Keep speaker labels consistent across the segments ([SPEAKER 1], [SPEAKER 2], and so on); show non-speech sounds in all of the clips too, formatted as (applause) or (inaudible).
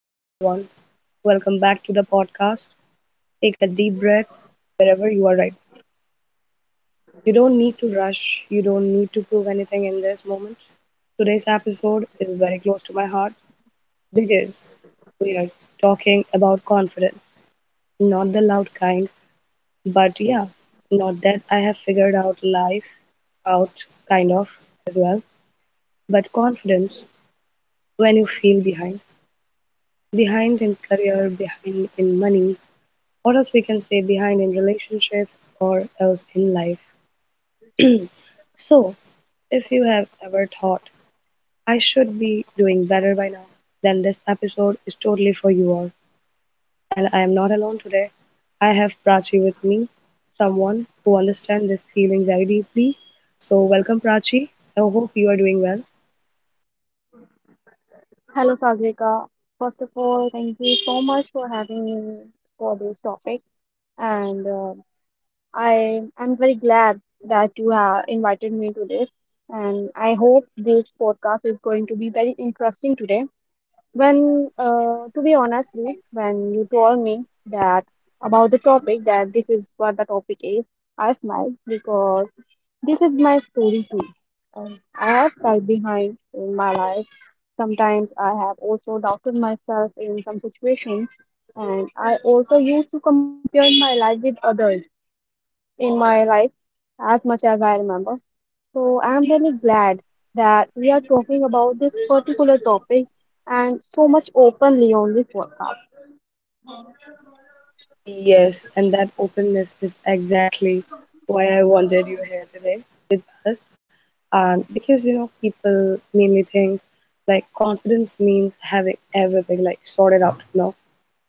[SPEAKER 1] hello everyone. Welcome back to the podcast. Take a deep breath wherever you are right. You don't need to rush, you don't need to prove anything in this moment. Today's episode is very close to my heart because we are talking about confidence. Not the loud kind, but yeah, not that I have figured out life out kind of as well, but confidence when you feel behind. Behind in career, behind in money, what else we can say behind in relationships or else in life. So, if you have ever thought, I should be doing better by now, then this episode is totally for you all. And I am not alone today. I have Prachi with me, someone who understands this feeling very deeply. So, welcome, Prachi. I hope you are doing well.
[SPEAKER 2] Hello, Sagrika. First of all, thank you so much for having me for this topic, and I am very glad that you have invited me to this. And I hope this podcast is going to be very interesting today. To be honestly, when you told me that about the topic that this is what the topic is, I smiled because this is my story too. I have felt behind in my life. Sometimes I have also doubted myself in some situations, and I also used to compare my life with others in my life as much as I remember. So I'm really glad that we are talking about this particular topic and so much openly on this podcast. (laughs)
[SPEAKER 1] Yes, and that openness is exactly why I wanted you here today, this and because, you know, people mainly think like confidence means having everything like sorted out, you know.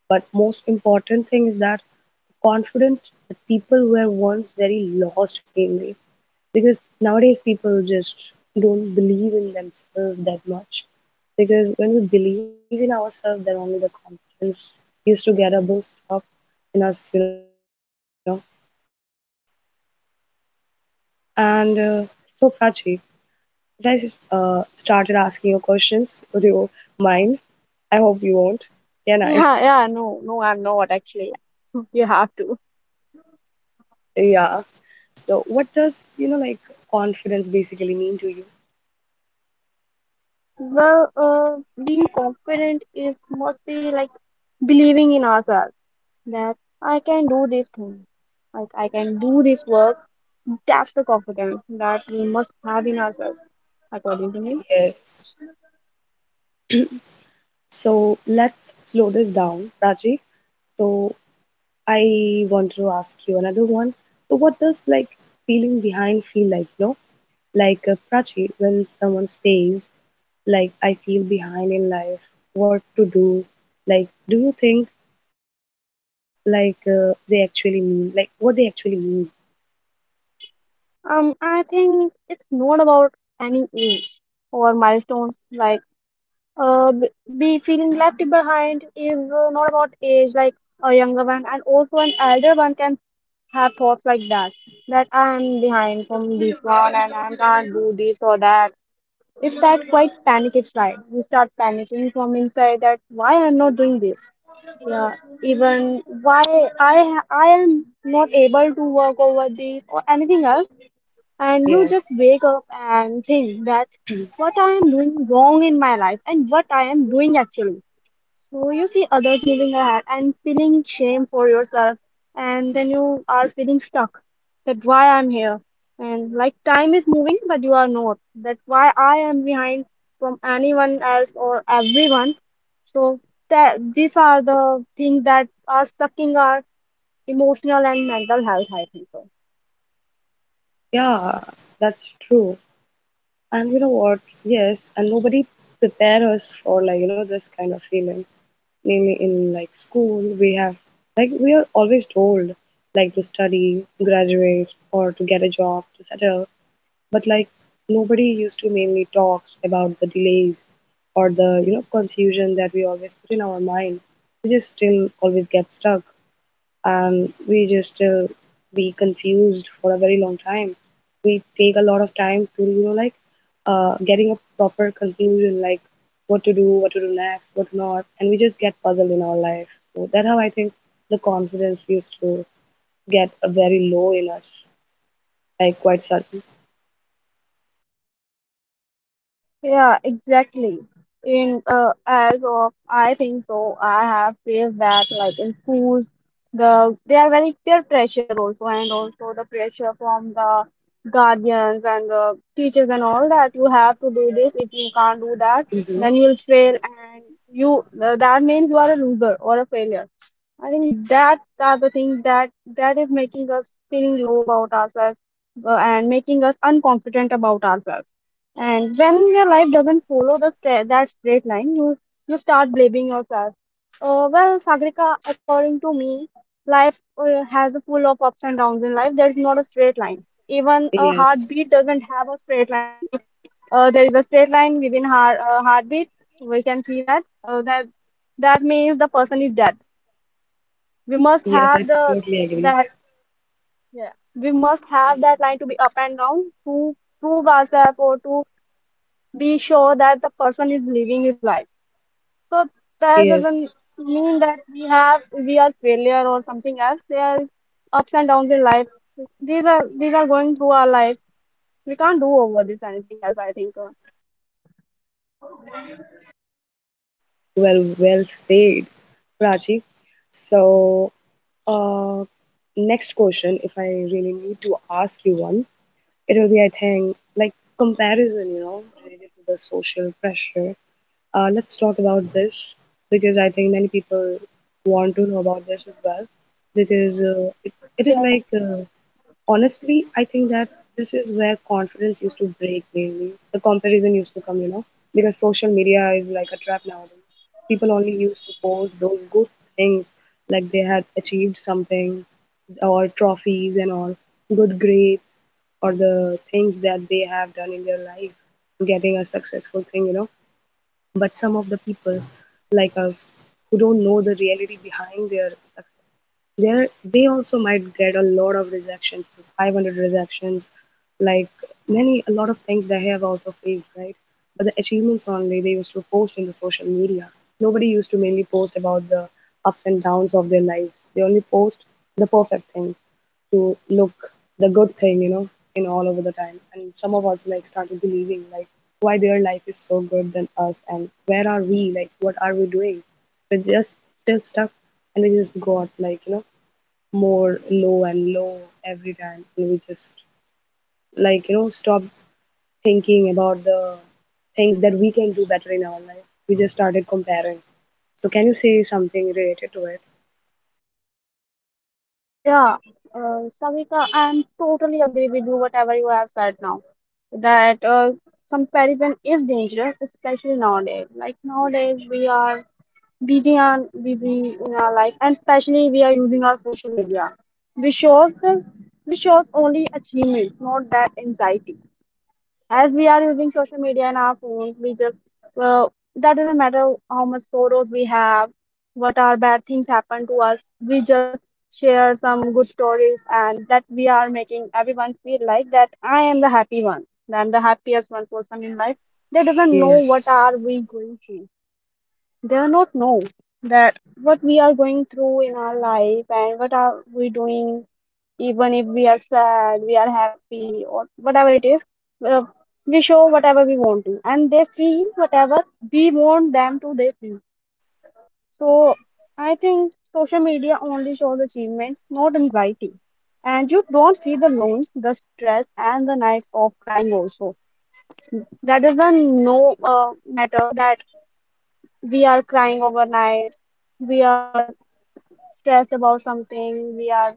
[SPEAKER 1] But most important thing is that confident people were once very lost, mainly because nowadays people just don't believe in themselves that much, because when we believe in ourselves, then only the confidence used to get a boost up in us, you know. And uh, so Prachi, if started asking you questions, would you mind? I hope you won't. Can I?
[SPEAKER 2] Yeah, yeah, no, no, I'm not actually. (laughs) You have to.
[SPEAKER 1] Yeah. So, what does, you know, like confidence basically mean to you?
[SPEAKER 2] Well, being confident is mostly like believing in ourselves that I can do this thing. Like I can do this work. That's the confidence that we must have in ourselves, according to me.
[SPEAKER 1] Yes. So, let's slow this down, Rajiv. So, I want to ask you another one. So, what does, like, feeling behind feel like? No, like, Prachi, when someone says like I feel behind in life, what to do? Like, do you think, like, they actually mean like what they actually mean?
[SPEAKER 2] I think it's not about any age or milestones. Like uh, b- be feeling left behind is not about age. Like a younger one and also an elder one can have thoughts like that. That I'm behind from this one and I can't do this or that. It's that quite panic inside. You start panicking from inside that why I'm not doing this. Yeah, even why I am not able to work over this or anything else, and you
[SPEAKER 1] Yes,
[SPEAKER 2] just wake up and think that what I am doing wrong in my life and what I am doing actually. So you see others moving ahead and feeling shame for yourself, and then you are feeling stuck that why I'm here. And like time is moving, but you are not. That why I am behind from anyone else or everyone. So that these are the things that are sucking our emotional and mental health. I think so.
[SPEAKER 1] yeah, that's true. And you know what? Yes, and nobody prepare us for, like, you know, this kind of feeling. Maybe in like school, we have, like, we are always told like to study, graduate, or to get a job, to settle. But like nobody used to mainly talks about the delays or the, you know, confusion that we always put in our mind. We just still always get stuck, we just be confused for a very long time. We take a lot of time to, you know, like, getting a proper conclusion, like what to do next, what not, and we just get puzzled in our life. So that's how I think the confidence used to get a very low in us, like quite sudden.
[SPEAKER 2] Yeah, exactly. In as of I think so, I have faced that like in schools, they are very peer pressure also, and also the pressure from the guardians and the teachers and all that. You have to do this. If you can't do that,
[SPEAKER 1] Hmm.
[SPEAKER 2] then you will fail, and you that means you are a loser or a failure. I think that are the thing that is making us feeling low about ourselves, and making us unconfident about ourselves. And when your life doesn't follow that straight line, you start blaming yourself. Well, Sagrika, according to me, life has a full of ups and downs in life. There's not a straight line. Even a
[SPEAKER 1] Yes,
[SPEAKER 2] heartbeat doesn't have a straight line. If there is a straight line within heartbeat, we can see that that means the person is dead. We must
[SPEAKER 1] yes, I
[SPEAKER 2] have the
[SPEAKER 1] totally agree.
[SPEAKER 2] that, yeah. We must have that line to be up and down to prove ourselves or to be sure that the person is living his life. So that doesn't
[SPEAKER 1] Yes,
[SPEAKER 2] mean that we are failure or something else. There are ups and downs in life. These are going through our life. We can't do over this anything else. I think so.
[SPEAKER 1] well, well said, Prachi. So Uh, next question, if I really need to ask you one, it will be, I think, like comparison, you know, related to the social pressure. Let's talk about this because I think many people want to know about this as well because it is
[SPEAKER 2] Yeah.
[SPEAKER 1] like, honestly, I think that this is where confidence used to break mainly. The comparison used to come, you know, because social media is like a trap nowadays. People only used to post those good things, like they had achieved something, or trophies and all, good grades, or the things that they have done in their life, getting a successful thing, you know. But some of the people, like us, who don't know the reality behind their success, there they also might get a lot of rejections, 500 rejections, like many a lot of things they have also faced, right? But the achievements only they used to post in the social media. Nobody used to mainly post about the ups and downs of their lives. They only post the perfect thing to look the good thing, you know, in all over the time. And some of us like started believing like why their life is so good than us and where are we? Like what are we doing? We're just still stuck and we just got like, you know, more low and low every time and we just, like, you know, stop thinking about the things that we can do better in our life. We just started comparing. So can you say something related to it?
[SPEAKER 2] Yeah, Savita, I'm totally agree with you whatever you have said now. That comparison is dangerous, especially nowadays. Like nowadays we are busy on busy in our life, and especially we are using our social media, which shows this which shows only achievement, not that anxiety. As we are using social media in our phones, we just, well, that doesn't matter how much sorrows we have, what are bad things happen to us. We just share some good stories, and that we are making everyone feel like that I am the happy one, that I'm the happiest one person in life. They doesn't know
[SPEAKER 1] Yes.
[SPEAKER 2] what are we going through. They are not know that what we are going through in our life and what are we doing. Even if we are sad, we are happy, or whatever it is, uh, we show whatever we want to, and they see whatever we want them to they see. So I think social media only shows achievements, not anxiety. And you don't see the loans, the stress, and the nights of crying also. That doesn't no matter that we are crying overnight, we are stressed about something, we are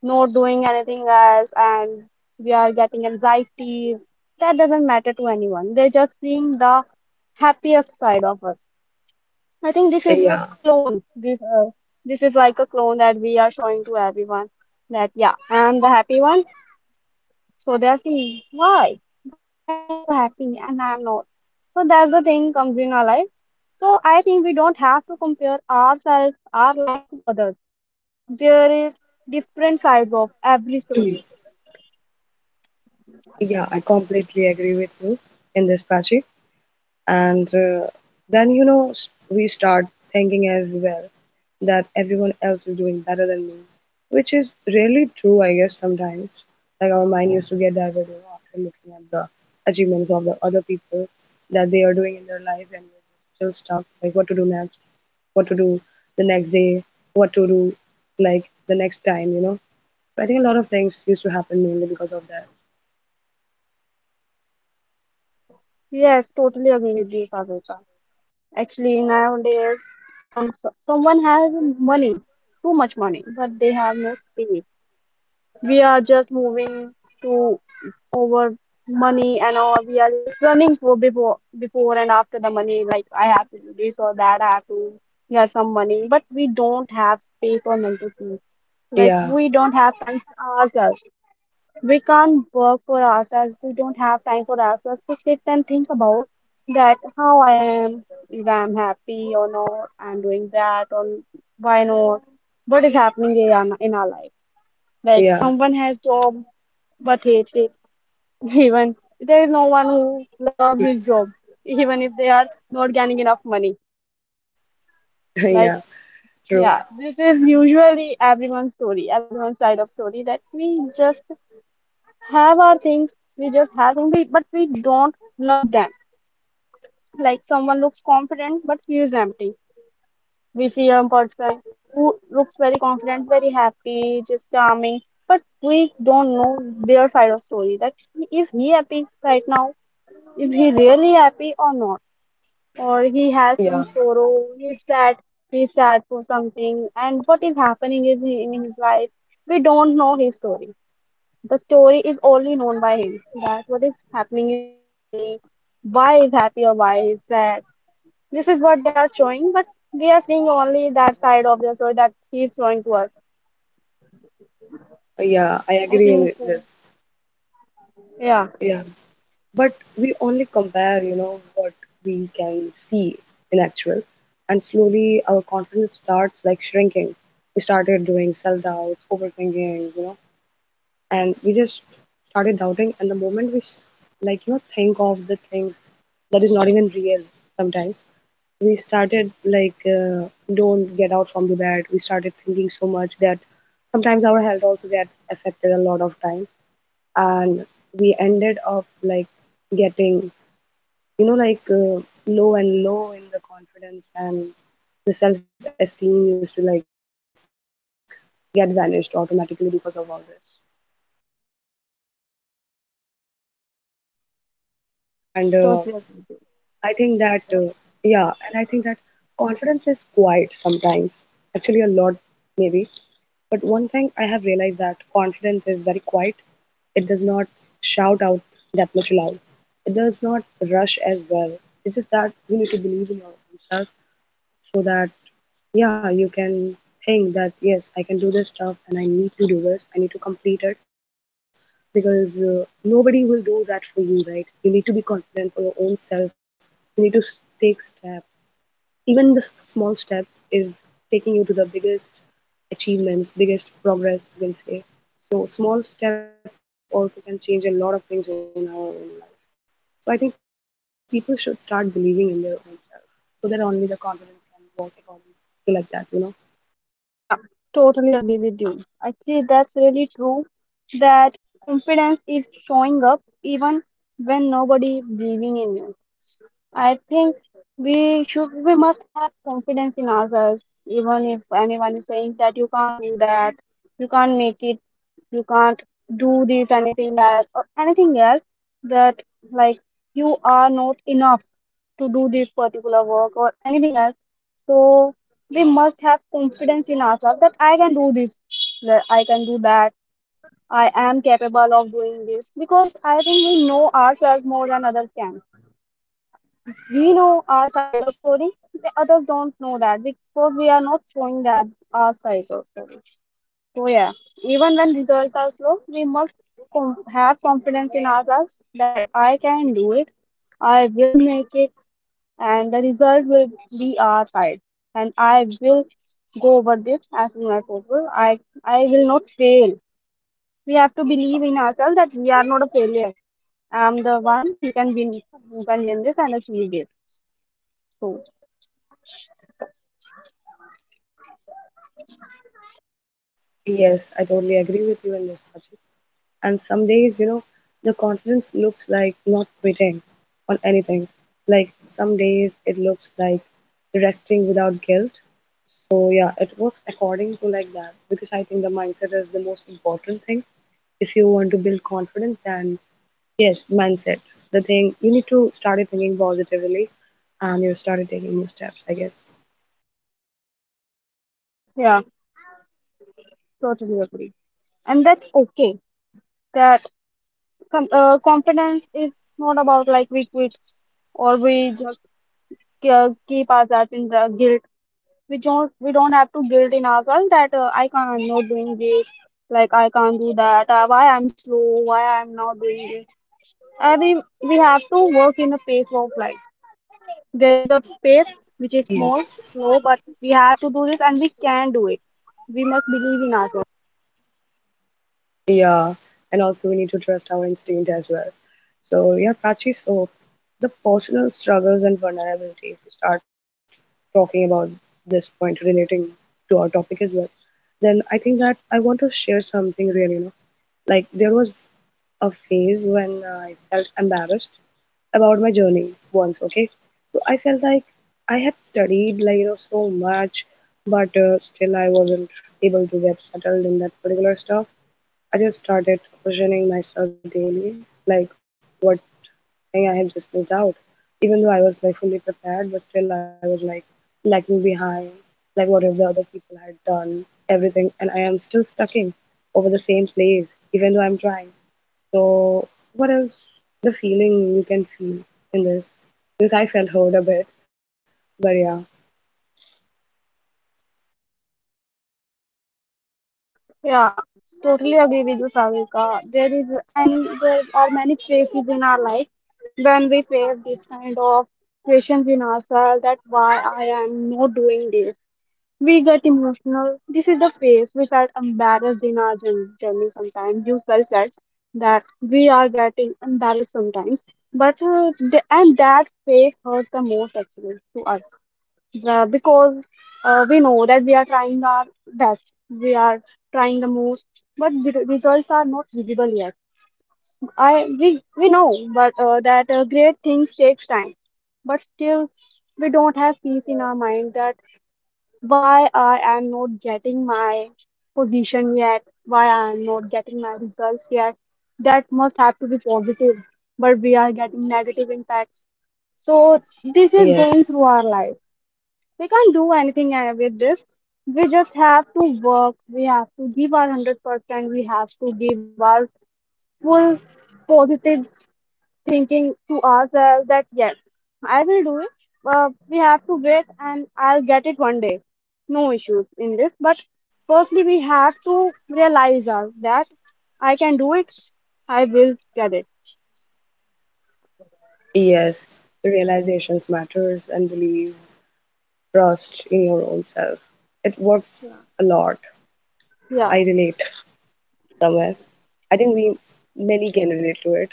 [SPEAKER 2] not doing anything else, and we are getting anxieties. That doesn't matter to anyone. They're just seeing the happiest side of us. I think this is a
[SPEAKER 1] Yeah.
[SPEAKER 2] clone. This is like a clone that we are showing to everyone. That yeah, I'm the happy one. So they're seeing why he is so happy and I'm not. So that's the thing comes in our life. So I think we don't have to compare ourselves, our life to others. There is different sides of every
[SPEAKER 1] (clears throat)
[SPEAKER 2] story.
[SPEAKER 1] Yeah, I completely agree with you in this, Prachi. And then, you know, we start thinking as well that everyone else is doing better than me, which is really true, I guess, sometimes. Like our mind used to get diverted after looking at the achievements of the other people that they are doing in their life, and we're just still stuck, like what to do next, what to do the next day, what to do like the next time, you know. I think a lot of things used to happen mainly because of that.
[SPEAKER 2] Yes, totally agree with you, Sagarika. Actually, nowadays, someone has money, too much money, but they have no space. We are just moving to over money and all. We are just running for before and after the money. Like I have to do this or that. I have to get some money, but we don't have space or mental peace. Like
[SPEAKER 1] Yeah,
[SPEAKER 2] we don't have time for ourselves. We can't work for ourselves. We don't have time for ourselves to sit and think about that how I am, if I'm happy or not, I'm doing that or why not, what is happening in our life. Like
[SPEAKER 1] yeah.
[SPEAKER 2] someone has job, but hates it. (laughs) Even there is no one who loves his job, even if they are not getting enough money.
[SPEAKER 1] (laughs) Yeah,
[SPEAKER 2] Like
[SPEAKER 1] true.
[SPEAKER 2] yeah, this is usually everyone's story, everyone's side of story that we just have our things, we just have them, but we don't love them. Like someone looks confident but feels empty. We see a person who looks very confident, very happy, just charming, but we don't know their side of story. That is he happy right now, is he really happy or not, or he
[SPEAKER 1] Yeah,
[SPEAKER 2] has some sorrow. He's sad he's sad for something, and what is happening is in his life. We don't know his story. The story is only known by him, that what is happening in his family, why he's happy or why he's sad. This is what they are showing, but we are seeing only that side of the story that he's showing to us.
[SPEAKER 1] yeah, I
[SPEAKER 2] I
[SPEAKER 1] agree in
[SPEAKER 2] think so.
[SPEAKER 1] this.
[SPEAKER 2] Yeah,
[SPEAKER 1] Yeah, but we only compare, you know, what we can see in actual, and slowly our confidence starts like shrinking. We started doing self-doubts, overthinking, you know, and we just started doubting. And the moment we like, you know, think of the things that is not even real sometimes, we started like, don't get out from the bed, we started thinking so much that sometimes our health also get affected a lot of time, and we ended up like getting, you know, like, low and low in the confidence, and the self-esteem used to like get vanished automatically because of all this.
[SPEAKER 2] yeah,
[SPEAKER 1] And
[SPEAKER 2] totally agree.
[SPEAKER 1] I think that yeah, and I think that confidence is quiet sometimes, actually a lot maybe. But one thing I have realized, that confidence is very quiet. It does not shout out that much loud. It does not rush as well. It's that you need to believe in yourself so that, yeah, you can think that yes, I can do this stuff and I need to do this. I need to complete it because, nobody will do that for you, right? You need to be confident for your own self. You need to take step. Even the small step is taking you to the biggest achievements, biggest progress, you can say. So small step also can change a lot of things in our own life. So I think people should start believing in their own self, so that only the confidence can work accordingly to like that, you know.
[SPEAKER 2] Yeah, totally agree with you. Actually, that's really true that confidence is showing up even when nobody believing in you. I think we must have confidence in ourselves, even if anyone is saying that you can't do that, you can't make it, you can't do this, anything else, or anything else that like you are not enough to do this particular work or anything else. So we must have confidence in ourselves that I can do this, that I can do that, I am capable of doing this. Because I think we know ourselves more than others can. We know our side of story, the others don't know that because we are not showing that our side of story. So yeah, even when results are slow, we must have confidence in ourselves that I can do it. I will make it, and the result will be our side. And I will go over this as soon as possible. I will not fail. We have to believe in ourselves that we are not a failure. I'm the one who can win, this and achieve this. So
[SPEAKER 1] Yes, I totally agree with you in this project. And some days, you know, the confidence looks like not quitting on anything. Like some days it looks like resting without guilt. So yeah, it works according to like that because I think the mindset is the most important thing. If you want to build confidence, then yes, mindset. The thing you need to start thinking positively, and you started taking new steps, I guess.
[SPEAKER 2] yeah, totally agree. And that's okay. That confidence is not about like we quit or we just keep ourselves in the guilt. We don't have to guilt in ourselves that I can't, I'm not doing this, like I can't do that, why I'm slow, why I'm not doing this. We have to work in a pace of life. There is a pace which
[SPEAKER 1] Yes.
[SPEAKER 2] is small, slow, but we have to do this and we can do it. We must believe in ourselves.
[SPEAKER 1] Yeah. And also we need to trust our instinct as well. So yeah, Prachi, so the personal struggles and vulnerability, if you start talking about this point relating to our topic as well, then I think that I want to share something really, you know. Like there was a phase when I felt embarrassed about my journey once, okay? So I felt like I had studied like, you know, so much, but still I wasn't able to get settled in that particular stuff. I just started questioning myself daily, like what thing I had just missed out. Even though I was like fully prepared, but still I was like lagging behind. Like what if the other people had done everything and I am still stuck in over the same place, even though I'm trying. So, what else the feeling you can feel in this? Because I felt hurt a bit, but yeah,
[SPEAKER 2] Yeah, totally agree with you, Savika. There is, and there are many phases in our life when we face this kind of questions in ourselves that why I am not doing this. We get emotional. This is the phase we felt embarrassed in our journey sometimes. You felt that, that we are getting embarrassed sometimes. And that phase hurt the most actually to us. Because we know that we are trying our best, we are trying the most, but the results are not visible yet. I we know, but that great things takes time. But still, we don't have peace in our mind that why I am not getting my position yet, why I am not getting my results yet. That must have to be positive, but we are getting negative impacts. So this is going
[SPEAKER 1] yes,
[SPEAKER 2] through our life. We can't do anything with this. We just have to work. We have to give our 100%. We have to give our full positive thinking to ourselves that yes, I will do it. We have to wait and I'll get it one day. No issues in this. But firstly, we have to realize our, that I can do it. I will get it.
[SPEAKER 1] yes, realizations matters and release trust in your own self. It works a lot.
[SPEAKER 2] Yeah.
[SPEAKER 1] I relate somewhere. I think we many can relate to it.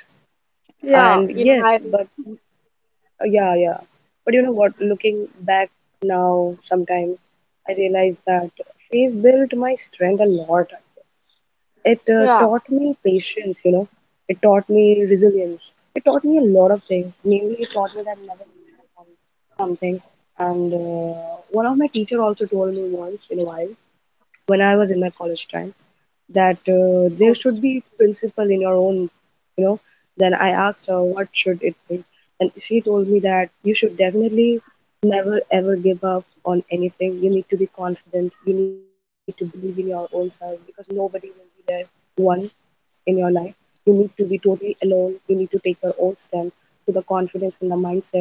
[SPEAKER 2] Yeah.
[SPEAKER 1] And
[SPEAKER 2] Even
[SPEAKER 1] yes,
[SPEAKER 2] I will.
[SPEAKER 1] but yeah, yeah. But you know what? Looking back now, sometimes I realize that phase built my strength a lot, I guess. It
[SPEAKER 2] Yeah.
[SPEAKER 1] taught me patience, you know. It taught me resilience. It taught me a lot of things. Mainly, it taught me that never giving up on something. And One of my teacher also told me once in a while when I was in my college time that there
[SPEAKER 2] Oh,
[SPEAKER 1] should be principle in your own, you know. Then I asked her what should it be, and she told me that you should definitely never ever give up on anything. You need to be confident, you need to believe in your own self, because nobody will be there once in your life. You need to be totally alone, you need to take your own stand. So the confidence and the mindset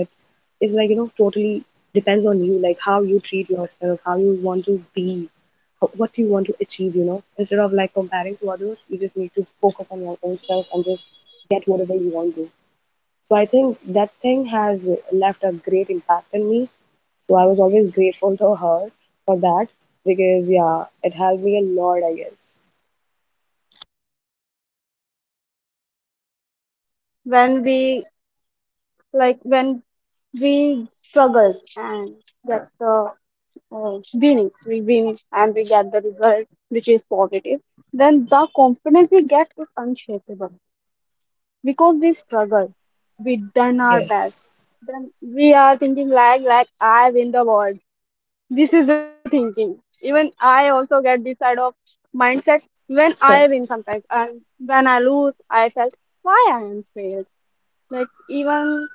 [SPEAKER 1] is, like, you know, totally depends on you, like how you treat yourself, how you want to be, what do you want to achieve, you know, instead of like comparing to others. You just need to focus on your own self and just get whatever you want to. So I think that thing has left a great impact on me. So I was always grateful to her for that, because yeah, it helped me a lot, I guess.
[SPEAKER 2] yeah. Actually, you're right. When we like, when we struggle and that's the winnings, we win, and we get the result which is positive, then the confidence we get is unshakable because we struggle, we done our
[SPEAKER 1] Yes.
[SPEAKER 2] best. Then we are thinking like I win the world. This is the thinking. Even I also get this side of mindset when I
[SPEAKER 1] Sure.
[SPEAKER 2] win sometimes, and when I lose I felt why I am failed. Like even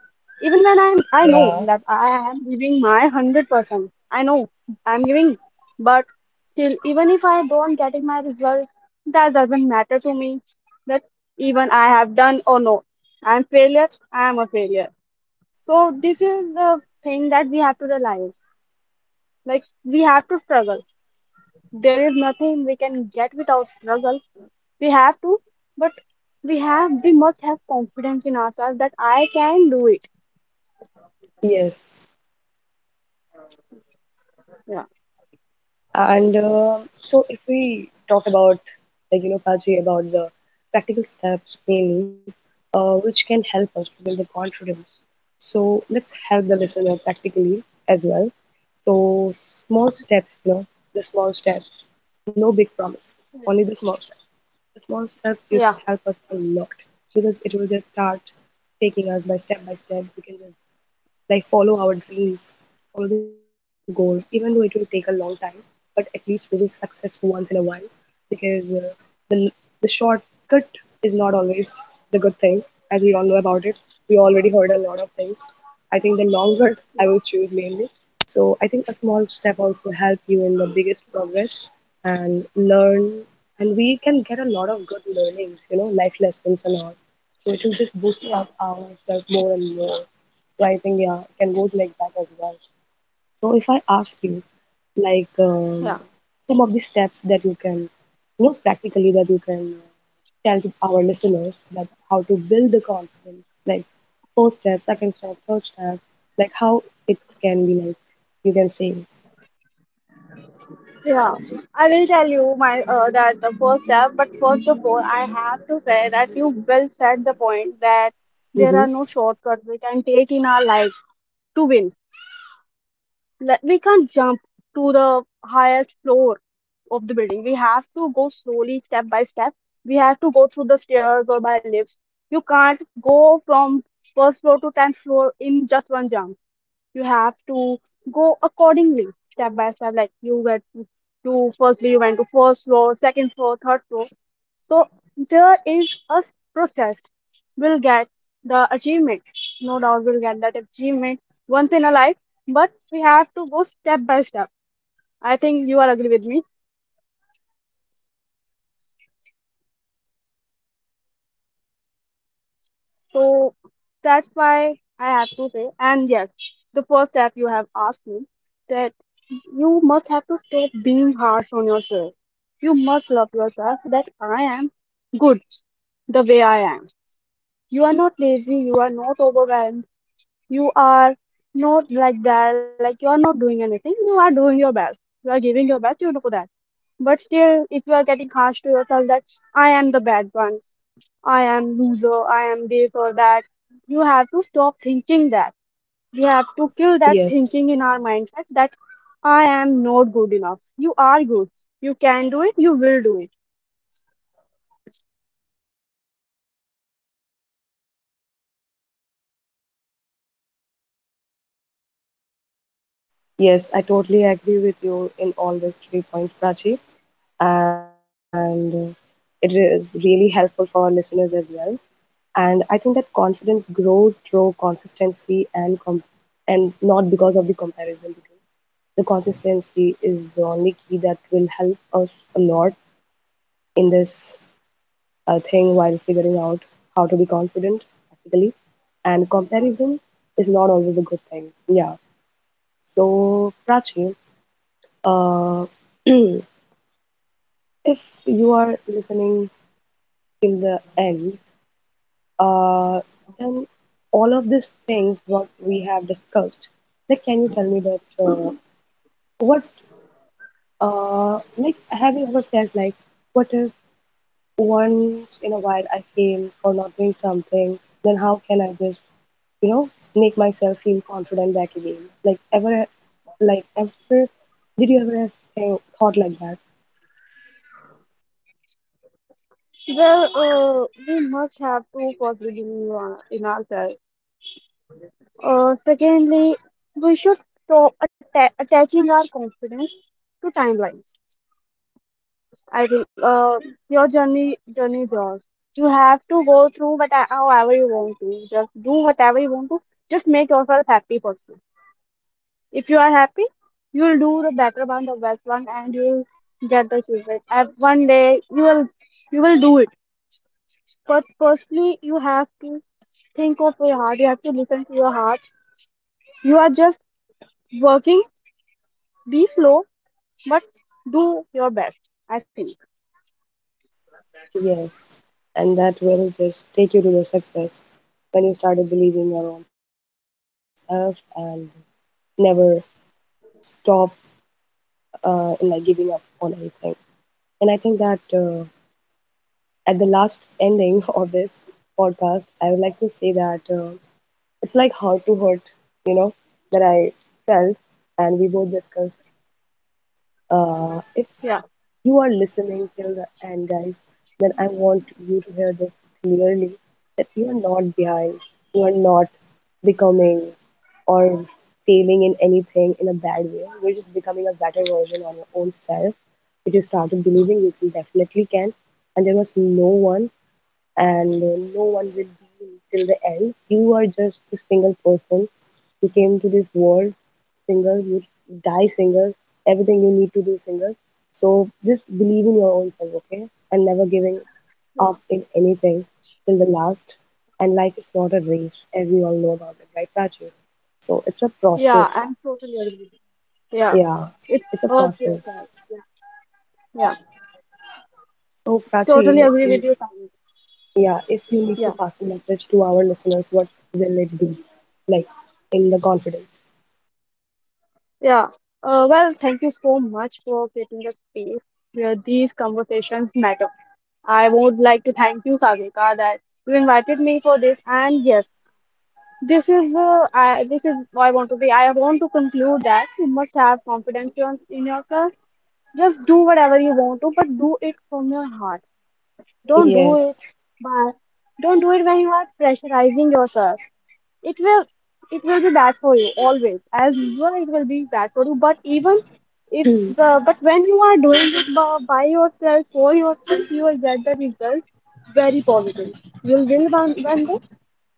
[SPEAKER 2] even when I know
[SPEAKER 1] Yeah.
[SPEAKER 2] that I am giving my 100%. I know I'm giving, but still, even if I don't getting my results, that doesn't matter to me. That even I have done or no, I'm failure. I'm a failure. So this is the thing that we have to realize. Like we have to struggle. There is nothing we can get without struggle. We have to, but we must have confidence in ourselves that I can do it.
[SPEAKER 1] Yes.
[SPEAKER 2] Yeah.
[SPEAKER 1] And so, if we talk about, like, you know, Kadri, about the practical steps mainly, which can help us to build the confidence. So let's help the listener practically as well. So, small steps, you know, the small steps, no big promises, only the small steps. The small steps used
[SPEAKER 2] Yeah,
[SPEAKER 1] to help us a lot, because it will just start taking us by step by step. We can just like follow our dreams, follow the goals, even though it will take a long time, but at least we will success once in a while, because the shortcut is not always the good thing, as we all know about it. We already heard a lot of things. I think the long cut I will choose mainly. So I think a small step also help you in the biggest progress and learn, and we can get a lot of good learnings, you know, life lessons and all. So it will just boost
[SPEAKER 2] yeah,
[SPEAKER 1] up ourselves more and more. So I think yeah, it can goes like that as well. So if I ask you, like,
[SPEAKER 2] yeah,
[SPEAKER 1] some of the steps that you can, you know, practically that you can tell to our listeners that how to build the confidence, like first step, second step, third step, like how it can be like, you can say.
[SPEAKER 2] yeah. I will tell you my that the first step, but first of all, I have to say that you well said the point that there are
[SPEAKER 1] Mm-hmm.
[SPEAKER 2] no shortcuts we can take in our lives to win. Like, we can't jump to the highest floor of the building. We have to go slowly, step by step. We have to go through the stairs or by lifts. You can't go from first floor to tenth floor in just one jump. You have to go accordingly step by step, like you get to do. Firstly, you went to first floor, second floor, third floor. So there is a process. We'll get the achievement, no doubt we'll get that achievement once in a life, but we have to go step by step. I think you are agree with me. So that's why I have to say, and yes, the first step you have asked me that you must have to stop being harsh on yourself. You must love yourself that I am good the way I am. You are not lazy, you are not overwhelmed, you are not like that, like you are not doing anything, you are doing your best. You are giving your best, you know that. But still, if you are getting harsh to yourself that I am the bad one, I am loser, I am this or that, you have to stop thinking that. We have to kill that
[SPEAKER 1] Yes,
[SPEAKER 2] thinking in our mindset that I am not good enough. You are good. You can do it. You will do it.
[SPEAKER 1] yes, I totally agree with you in all these three points, Prachi, and it is really helpful for our listeners as well. And I think that confidence grows through consistency and and not because of the comparison, because the consistency is the only key that will help us a lot in this thing while figuring out how to be confident practically. And comparison is not always a good thing, yeah. So Prachi, uh, if you are listening till the end, uh, then all of these things what we have discussed, like can you tell me that what like have you ever felt like what if once in a while I fail for not doing something, then how can I just, you know, make myself feel confident back again? Like ever, like ever, did you ever thought like that?
[SPEAKER 2] Well, we must have to first believe in in ourselves. Secondly, we should stop attaching our confidence to timelines. I think your journey is yours. You have to go through what however you want to. Just do whatever you want to. Just make yourself happy first. If you are happy, you'll do the better one, the best one, and you'll get the achievement. And one day you will do it. But firstly, you have to think of your heart. You have to listen to your heart. You are just working. Be slow, but do your best. I think.
[SPEAKER 1] Yes, and that will just take you to the success when you started believing your own self and never stop, in like giving up on anything. And I think that at the last ending (laughs) of this podcast, I would like to say that it's like how to hurt, you know, that I felt, and we both discussed. If
[SPEAKER 2] Yeah.
[SPEAKER 1] you are listening till the end, guys, then I want you to hear this clearly that you are not behind, you are not becoming or failing in anything in a bad way. You're just becoming a better version of your own self. If you started believing, you can definitely can, and there was no one, and no one will be till the end. You are just a single person. You came to this world single, you die single, everything you need to do single. So just believe in your own self, okay? And never giving
[SPEAKER 2] Yeah.
[SPEAKER 1] up in anything till the last. And life is not a race, as we all know about it, right, Prachi? So it's a
[SPEAKER 2] Yeah,
[SPEAKER 1] process.
[SPEAKER 2] I'm totally agree. Yeah,
[SPEAKER 1] Yeah,
[SPEAKER 2] it's
[SPEAKER 1] it's a
[SPEAKER 2] a
[SPEAKER 1] process.
[SPEAKER 2] process. Yeah, yeah,
[SPEAKER 1] So
[SPEAKER 2] totally
[SPEAKER 1] Prachi,
[SPEAKER 2] agree with you, Sami.
[SPEAKER 1] yeah, if you need to
[SPEAKER 2] Yeah,
[SPEAKER 1] pass a message to our listeners, what will it be? Like in the confidence.
[SPEAKER 2] yeah. Well, thank you so much for creating a space where these conversations matter. I would like to thank you, Savika, that you invited me for this. And yes, this is this is what I want to be. I want to conclude that you must have confidence in yourself. Just do whatever you want to, but do it from your heart. Don't do it,
[SPEAKER 1] Yes.
[SPEAKER 2] but don't do it when you are pressurizing yourself. It will it will be bad for you always. As usual, it will be bad for you. But even if the
[SPEAKER 1] (clears throat)
[SPEAKER 2] but when you are doing it by yourself for yourself, you will get the result very positive. You'll win one day.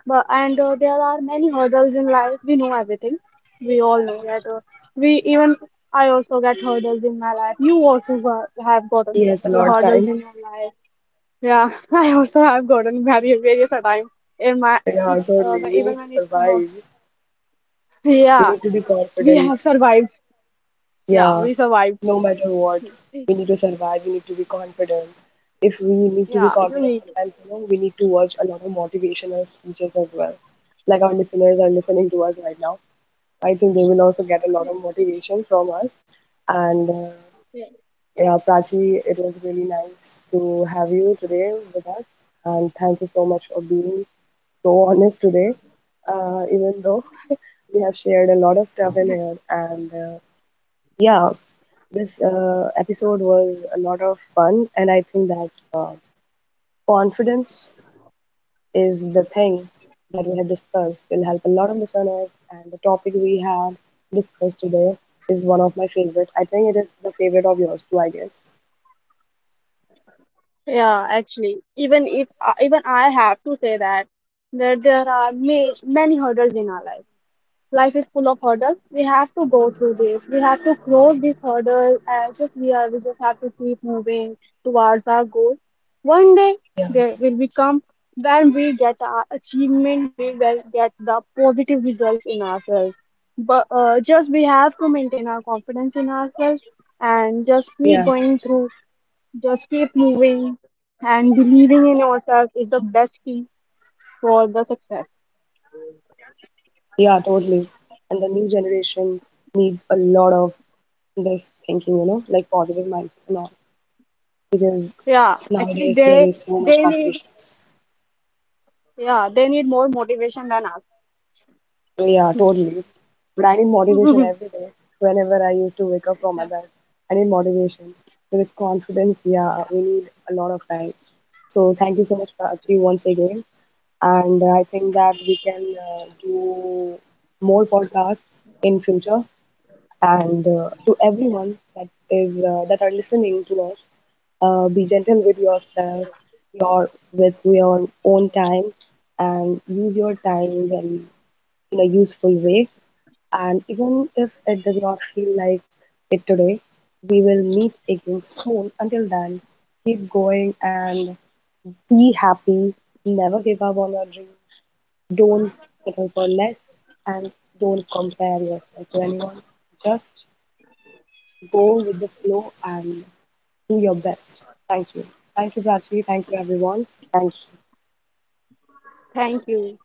[SPEAKER 2] But and there are many hurdles in life. We know everything. We all know that. We even I also get hurdles in my life. You also have gotten
[SPEAKER 1] Yes, a
[SPEAKER 2] your
[SPEAKER 1] lot of
[SPEAKER 2] hurdles in
[SPEAKER 1] times.
[SPEAKER 2] your life. Yeah, (laughs) I also have gotten married various a times in my
[SPEAKER 1] Yeah,
[SPEAKER 2] it's
[SPEAKER 1] totally.
[SPEAKER 2] but
[SPEAKER 1] We
[SPEAKER 2] even
[SPEAKER 1] need to
[SPEAKER 2] when it's about
[SPEAKER 1] survive. We
[SPEAKER 2] yeah
[SPEAKER 1] need to be
[SPEAKER 2] we
[SPEAKER 1] confident.
[SPEAKER 2] have survived, yeah
[SPEAKER 1] Yeah,
[SPEAKER 2] we survived,
[SPEAKER 1] no matter what, we need to survive. We need to be confident. If we need to be
[SPEAKER 2] yeah you
[SPEAKER 1] confident,
[SPEAKER 2] need,
[SPEAKER 1] sometimes you know we need to watch a lot of motivational speeches as well. Like our listeners are listening to us right now. I think they will also get a lot of motivation from us, and
[SPEAKER 2] yeah.
[SPEAKER 1] yeah, Prachi, it was really nice to have you today with us, and thank you so much for being so honest today. Even though we have shared a lot of stuff in here, and yeah, this episode was a lot of fun, and I think that confidence is the thing that we have discussed will help a lot of listeners, and the topic we had discussed today is one of my favorite. I think it is the favorite of yours too, I guess.
[SPEAKER 2] Yeah, actually even if even I have to say that that there are ma many hurdles in our life life is full of hurdles. We have to go through this. We have to cross this hurdle, and just we are. We just have to keep moving towards our goal. One day there will become when we get our achievement, we will get the positive results in ourselves. But just we have to maintain our confidence in ourselves and just keep
[SPEAKER 1] Yes.
[SPEAKER 2] going through. Just keep moving and believing in yourself is the best key for the success.
[SPEAKER 1] Yeah, totally. And the new generation needs a lot of this thinking, you know, like positive mindset and all, because
[SPEAKER 2] Yeah, actually
[SPEAKER 1] nowadays there
[SPEAKER 2] they
[SPEAKER 1] is so much
[SPEAKER 2] they need.
[SPEAKER 1] competitions.
[SPEAKER 2] Yeah, they need more motivation than us.
[SPEAKER 1] So yeah, totally. But I need motivation every
[SPEAKER 2] (laughs)
[SPEAKER 1] day. Whenever I used to wake up from my bed, I need motivation. Because confidence, yeah, we need a lot of times. So thank you so much, Prachi, once again. And I think that we can do more podcasts in future and to
[SPEAKER 2] Yeah.
[SPEAKER 1] everyone that is that are listening to us, be gentle with yourself, your with your own time, and use your time in a useful way, and even if it does not feel like it today, we will meet again soon. Until then, keep going and be happy, never give up on your dreams, don't settle for less, and don't compare yourself to anyone. Just go with the flow and do your best. Thank you. Thank you, Prachi. Thank you, everyone. Thank you.
[SPEAKER 2] Thank you.